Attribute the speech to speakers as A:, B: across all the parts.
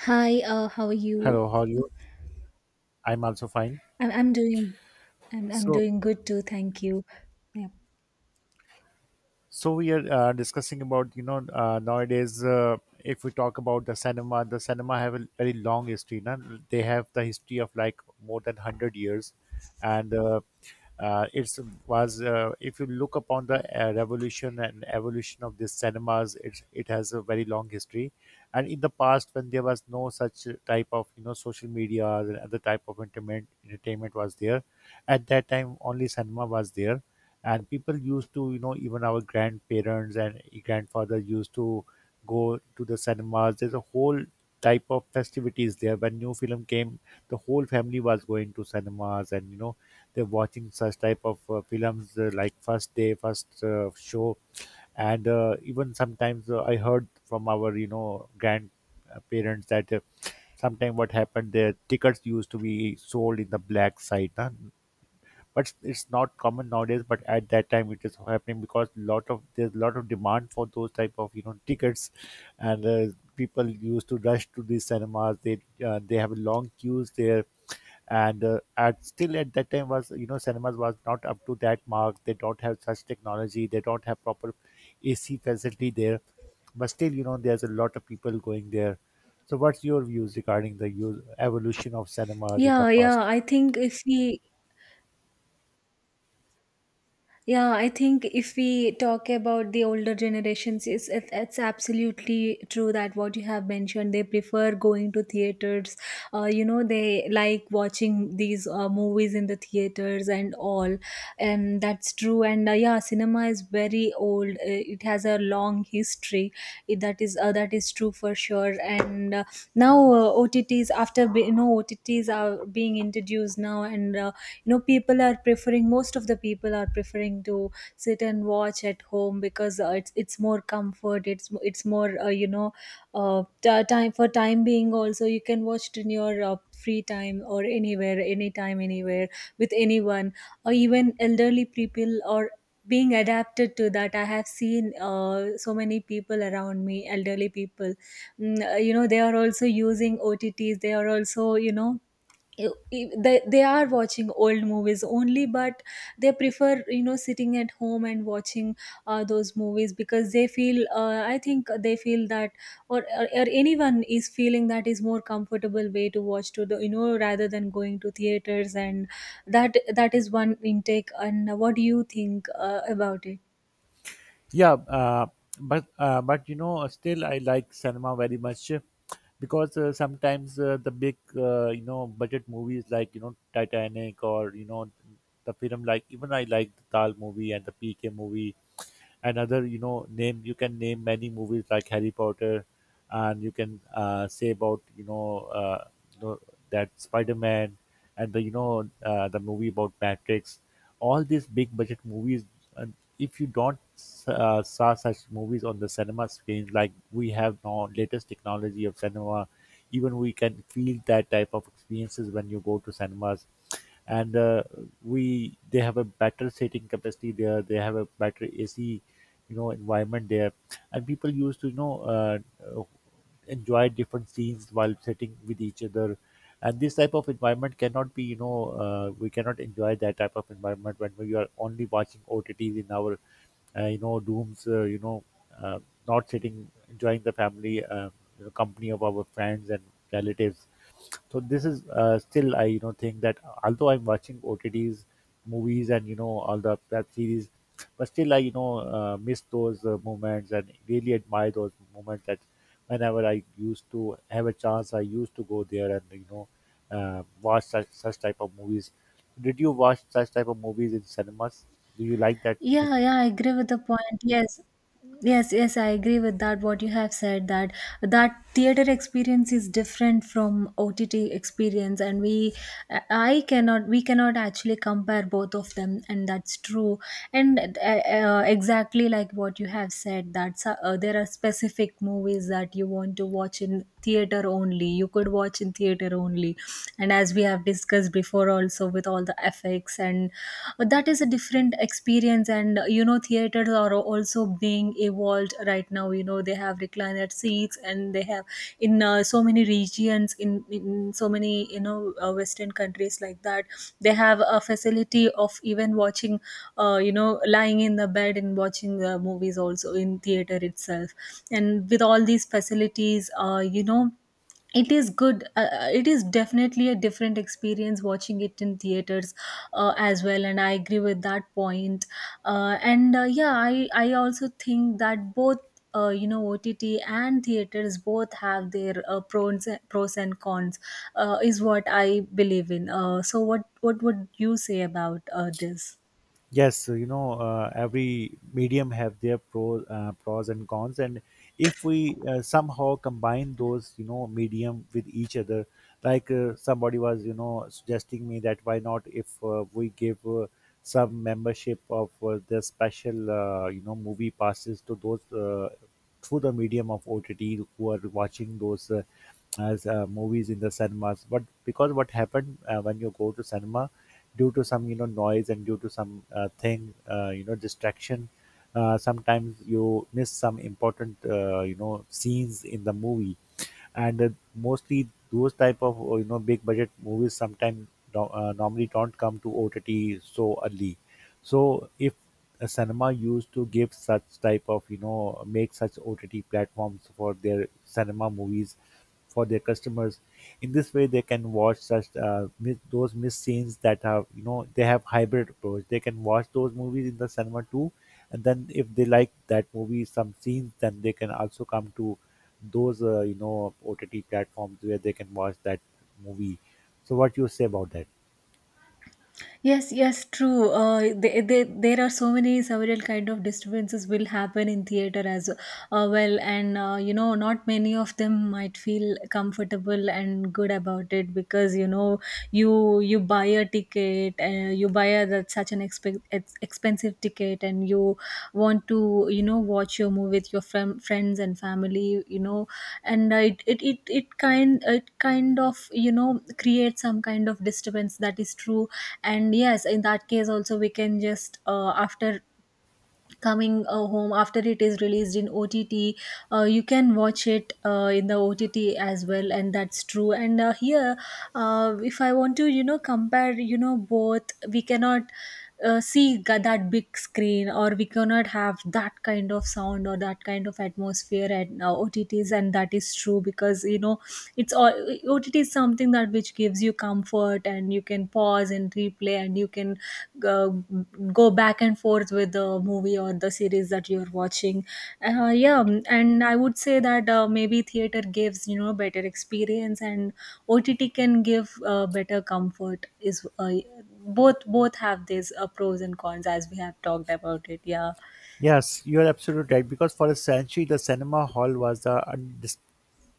A: Hi, how are you?
B: Hello, how are you? I'm also fine.
A: I'm I'm doing I'm
B: So,
A: doing good too, thank you. Yeah.
B: So, we are discussing about nowadays, if we talk about the cinema have a very long history. Now they have the history of like more than 100 years, and it's was if you look upon the revolution and evolution of these cinemas, it has a very long history. And in the past, when there was no such type of social media and other type of entertainment was there, at that time only cinema was there, and people used to, you know, even our grandparents and grandfather used to go to the cinemas. There's a whole type of festivities there when new film came, the whole family was going to cinemas, and you know, they're watching such type of films, like first day first show. And even sometimes, I heard from our, you know, grandparents that sometime what happened, the tickets used to be sold in the black site, huh? But it's not common nowadays, but at that time it is happening because lot of there's a lot of demand for those type of, you know, tickets. And people used to rush to these cinemas. They they have long queues there, and at still at that time was, you know, cinemas was not up to that mark. They don't have such technology, they don't have proper AC facility there, but still, you know, there's a lot of people going there. So what's your views regarding the use, evolution of cinemas in the
A: Yeah, yeah,
B: past?
A: I think if we Yeah, I think if we talk about the older generations, it's absolutely true that what you have mentioned, they prefer going to theaters. They like watching these movies in the theaters and all. And that's true. And yeah, cinema is very old. It has a long history. It, that is That is true for sure. And now OTTs, you know, OTTs are being introduced now, and you know, people are preferring most of the people are preferring to sit and watch at home because it's more comfort, it's more, time for time being also, you can watch it in your free time, or anywhere anytime, anywhere, with anyone, or even elderly people or being adapted to that. I have seen so many people around me, elderly people, you know, they are also using OTTs. They are also, you know, they are watching old movies only, but they prefer, you know, sitting at home and watching those movies because they feel, I think they feel that or anyone is feeling that is more comfortable way to watch to, the you know, rather than going to theaters. And that That is one intake. And what do you think about it?
B: Yeah, but you know, still I like cinema very much, because sometimes the big you know, budget movies like, you know, Titanic, or you know, the film like, even I like the Tal movie and the PK movie. Another, you know, name, you can name many movies like Harry Potter, and you can say about, you know, you know that Spider-Man, and the, you know, the movie about Matrix, all these big budget movies. And if you don't saw such movies on the cinema screen, like we have now latest technology of cinema, even we can feel that type of experiences when you go to cinemas. And we they have a better seating capacity there, they have a better AC, you know, environment there, and people used to, you know, uh, enjoy different scenes while sitting with each other. And this type of environment cannot be, you know, we cannot enjoy that type of environment when we are only watching OTTs in our you know, rooms, uh, not sitting enjoying the family, you know, company of our friends and relatives. So this is, still I, you know, think that although I'm watching OTTs, movies, and you know, all the web series, but still I, you know, miss those moments and really admire those moments that whenever I used to have a chance, I used to go there and you know, watch such type of movies. Did you watch such type of movies in cinemas? Do you like that thing?
A: Yeah, yeah, I agree with the point. Yes. Yes, yes, I agree with that. What you have said, that that theater experience is different from OTT experience, and I cannot, we cannot actually compare both of them, and that's true. And Exactly like what you have said, that there are specific movies that you want to watch in theater only. You could watch in theater only, and as we have discussed before for also, with all the effects and that is a different experience. And you know, theaters are also being evolved right now. You know, they have recliner seats, and they have, in so many regions, in so many, you know, western countries like that, they have a facility of even watching, uh, you know lying in the bed and watching movies also in theater itself. And with all these facilities, it is good. It is definitely a different experience watching it in theaters as well, and I agree with that point. And Yeah, I also think that both, OTT and theaters, both have their pros and cons, is what I believe in. So what would you say about this?
B: Yes, so, you know, every medium have their pros, pros and cons. And if we somehow combine those, you know, medium with each other, like somebody was, you know, suggesting me that why not, if we give some membership of the special, you know, movie passes to those through the medium of OTT who are watching those, as movies in the cinemas. But because what happened, when you go to cinema due to some, you know, noise and due to some, thing you know, distraction, sometimes you miss some important, you know, scenes in the movie. And mostly those type of, you know, big budget movies sometimes normally don't come to OTT so early. So if a cinema used to give such type of, you know, make such OTT platforms for their cinema movies, for their customers. In this way, they can watch such those missed scenes that have, you know, they have hybrid approach. They can watch those movies in the cinema too, and then if they like that movie some scenes, then they can also come to those, you know, OTT platforms where they can watch that movie. So, what you say about that?
A: Yes, yes, true. They, there are so many several kind of disturbances will happen in theater as well. And you know, not many of them might feel comfortable and good about it because, you know, you buy a ticket, that such an expensive ticket, and you want to, you know, watch your movie with your friends and family, you know. And it kind of, you know, creates some kind of disturbance. That is true. And yes, in that case also, we can just, after coming home, after it is released in OTT, you can watch it in the OTT as well, and that's true. And here, if I want to, you know, compare, you know, both, we cannot see that big screen, or we cannot have that kind of sound or that kind of atmosphere at OTTs, and that is true because, you know, it's all OTT is something that which gives you comfort, and you can pause and replay, and you can go, go back and forth with the movie or the series that you're watching. Uh, yeah mm, and I would say that maybe theater gives, you know, better experience, and OTT can give better comfort. Is Both have these pros and cons, as we have talked about it. Yeah.
B: Yes, you are absolutely right. Because for a century, the cinema hall was the undis-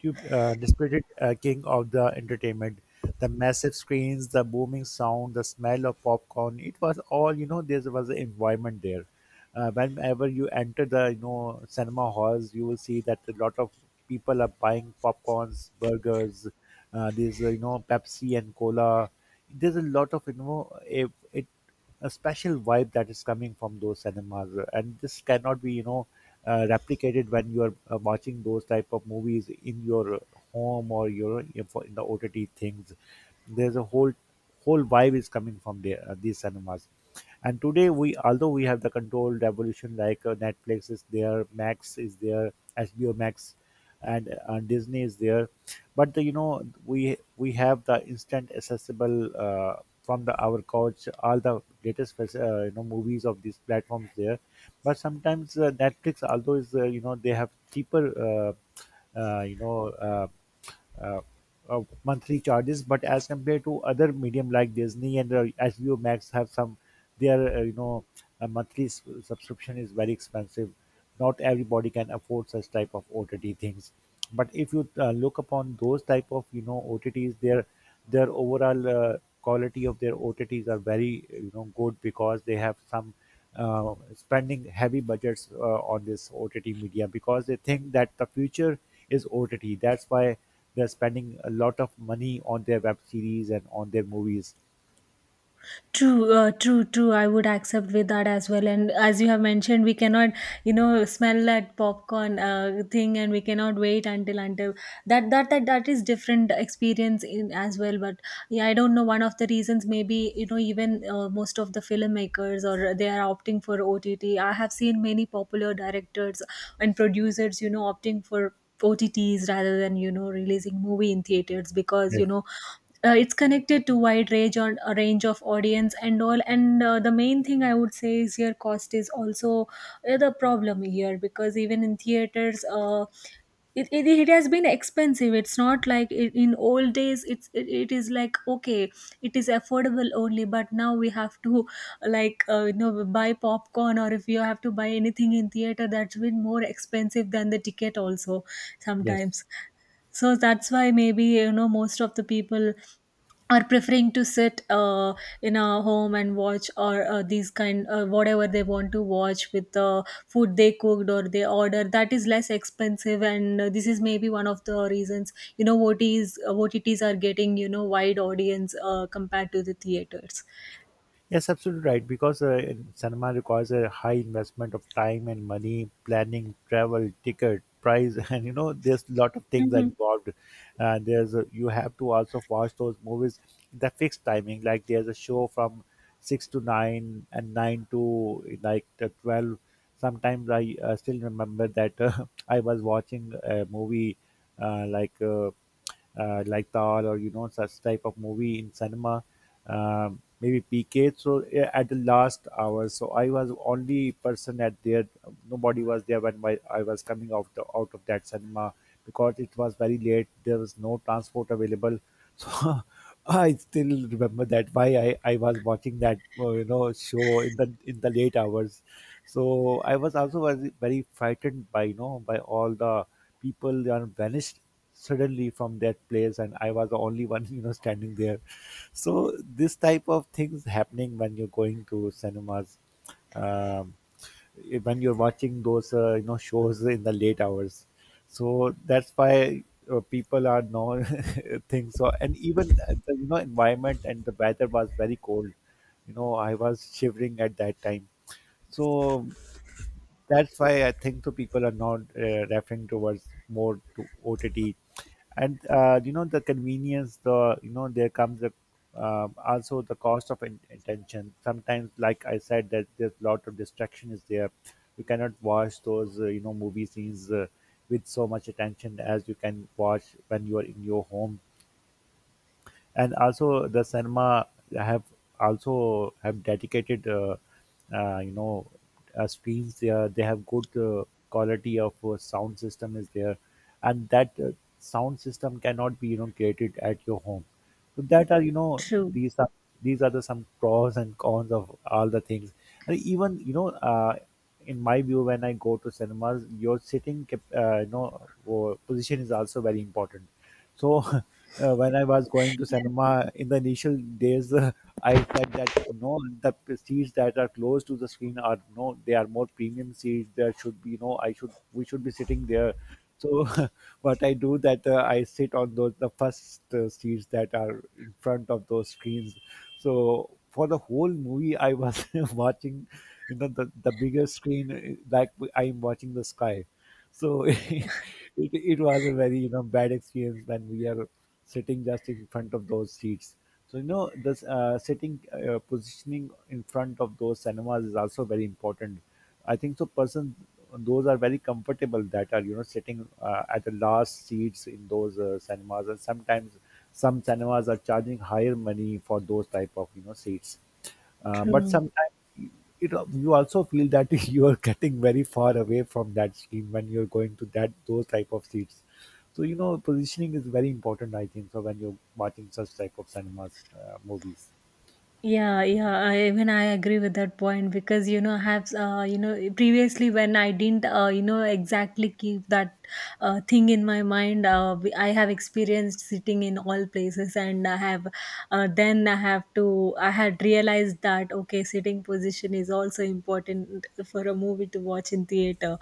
B: tube, disputed king of the entertainment. The massive screens, the booming sound, the smell of popcorn, it was all, you know, there was an environment there. Whenever you enter the, you know, cinema halls, you will see that a lot of people are buying popcorns, burgers, there's, you know, Pepsi and cola. There's a lot of, you know, it a special vibe that is coming from those cinemas and this cannot be you know replicated when you are watching those type of movies in your home or your in for- in the ott things there's a whole whole vibe is coming from there these cinemas and today we although we have the controlled revolution like netflix is there max is there hbo max and disney is there but the, you know we have the instant accessible from the our couch all the latest fac- you know movies of these platforms there but sometimes netflix although is you know they have cheaper you know uh, uh, monthly charges but as compared to other medium like disney and hbo max have some their you know a monthly s- subscription is very expensive not everybody can afford such type of ott things but if you look upon those type of you know OTTs, their overall quality of their OTTs are very you know good because they have some spending heavy budgets on this OTT media because they think that the future is OTT. That's why they're spending a lot of money on their web series and on their movies.
A: True, true, true. I would accept with that as well. And as you have mentioned, we cannot, you know, smell that popcorn thing, and we cannot wait until that is different experience in as well. But yeah, I don't know. One of the reasons, maybe, you know, even most of the filmmakers, or they are opting for OTT. I have seen many popular directors and producers, you know, opting for OTTs rather than, you know, releasing movie in theaters because, you
B: Yes.
A: know, it's connected to wide range on a range of audience and all. And the main thing I would say is, here, cost is also the problem here, because even in theaters, it has been expensive. It's not like in old days, it is like, okay, it is affordable only, but now we have to, like, you know, buy popcorn, or if you have to buy anything in theater, that's been more expensive than the ticket also
B: Yes.
A: sometimes. So that's why, maybe, you know, most of the people are preferring to sit in a home and watch, or these kind, whatever they want to watch, with the food they cooked or they order, that is less expensive. And this is maybe one of the reasons, you know, OTs uh, OTTs are getting, you know, wide audience compared to the theaters.
B: Yes, absolutely right. Because cinema requires a high investment of time and money, planning, travel, ticket, price, and you know, there's a lot of things
A: Hmm.
B: involved. There's a, you have to also watch those movies in the fixed timing. Like there's a show from 6 to 9 and 9 to like 12. Sometimes I, still remember that, I was watching a movie, uh, like uh, like Tar, or you know, such type of movie in cinema, maybe PK through, yeah, at the last hour. So I was only person at there. Nobody was there when my I was coming out out of that cinema, because it was very late. There was no transport available. So I still remember that why I was watching that, you know, show in the late hours. So I was also very, very frightened by, you know, by all the people that are vanished suddenly from that place, and I was the only one you know, standing there. So this type of things happening when you're going to cinemas. Um, when you're watching those, you know, shows in the late hours, so that's why people are now thing. So, and even, the you know, environment and the weather was very cold. You know, I was shivering at that time. So that's why I think so people are not, referring towards more to OTT. And you know, the convenience, the, you know, there comes a, also the cost of attention. Sometimes, like I said, that there's a lot of distraction is there. You cannot watch those, you know, movie scenes with so much attention as you can watch when you are in your home. And also the cinema have also have dedicated uh, you know screens there. They have good quality of sound system is there, and that sound system cannot be, you know, created at your home. So that are, you know,
A: True,
B: these are these are the some pros and cons of all the things. And even, you know, in my view, when I go to cinemas, your sitting you know, position is also very important. So when I was going to cinema in the initial days, I said that no, the seats that are close to the screen are no, they are more premium seats. There should be no, I should we should be sitting there. So what I do that, I sit on those the first seats that are in front of those screens. So for the whole movie, I was watching, you know, the bigger screen, like I'm watching the sky. So it was a very, you know, bad experience when we are sitting just in front of those seats. So you know, this, sitting, positioning in front of those cinemas is also very important, I think. So persons those are very comfortable that are, you know, sitting, at the last seats in those, cinemas, and sometimes some cinemas are charging higher money for those type of, you know, seats. But
A: true.
B: sometimes you know, you also feel that you are getting very far away from that screen when you're going to that those type of seats. So you know, positioning is very important, I think. So when you're watching such type of cinemas, movies,
A: Yeah, yeah, even I agree with that point because, you know, I have, you know, previously, when I didn't, you know, exactly keep that thing in my mind, I have experienced sitting in all places, and I have, then I have to, I had realized that okay, sitting position is also important for a movie to watch in theater.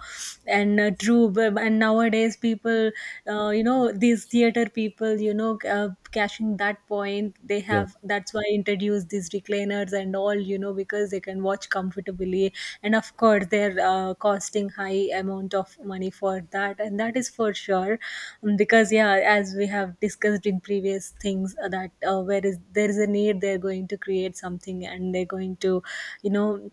A: And true. And nowadays people, you know, these theater people, you know, cashing that point, they
B: yeah.
A: have, that's why introduce these recliners and all, you know, because they can watch comfortably, and of course they're costing high amount of money for that, and that is for sure. Because, yeah, as we have discussed in previous things, that where is there is a need, they're going to create something, and they're going to, you know,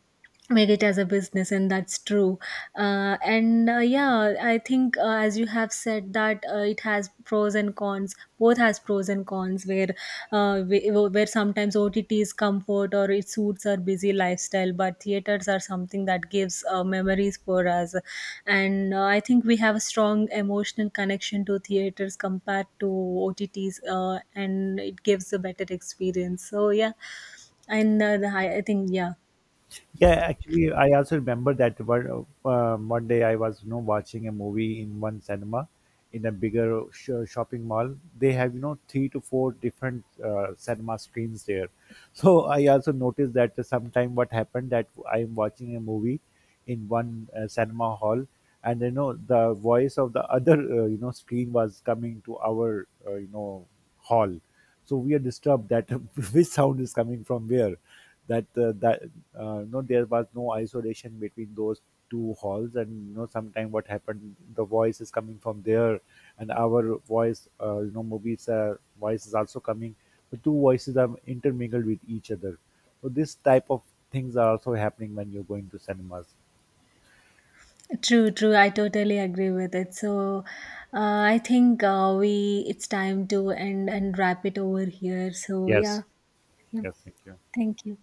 A: make it as a business, and that's true. And Yeah, I think, as you have said, that it has pros and cons. Both has pros and cons, where, where sometimes OTT is comfort, or it suits our busy lifestyle, but theaters are something that gives memories for us. And I think we have a strong emotional connection to theaters compared to OTTs. And it gives a better experience, so yeah. I think yeah.
B: Yeah, actually, I also remember that one day I was, you know, watching a movie in one cinema in a bigger shopping mall. They have, you know, three to four different, cinema screens there. So I also noticed that sometime what happened, that I am watching a movie in one, cinema hall, and you know, the voice of the other, you know, screen was coming to our, you know, hall. So we are disturbed that which sound is coming from where, that that no, there was no isolation between those two halls. And you know, sometime what happened, the voice is coming from there, and our voice, you know, movies, voice is also coming. The two voices are intermingled with each other. So this type of things are also happening when you're going to cinemas.
A: True, true. I totally agree with it. So, I think, we, it's time to end and wrap it over here. So,
B: Yes,
A: yeah, yeah.
B: yes, thank you.
A: Thank you.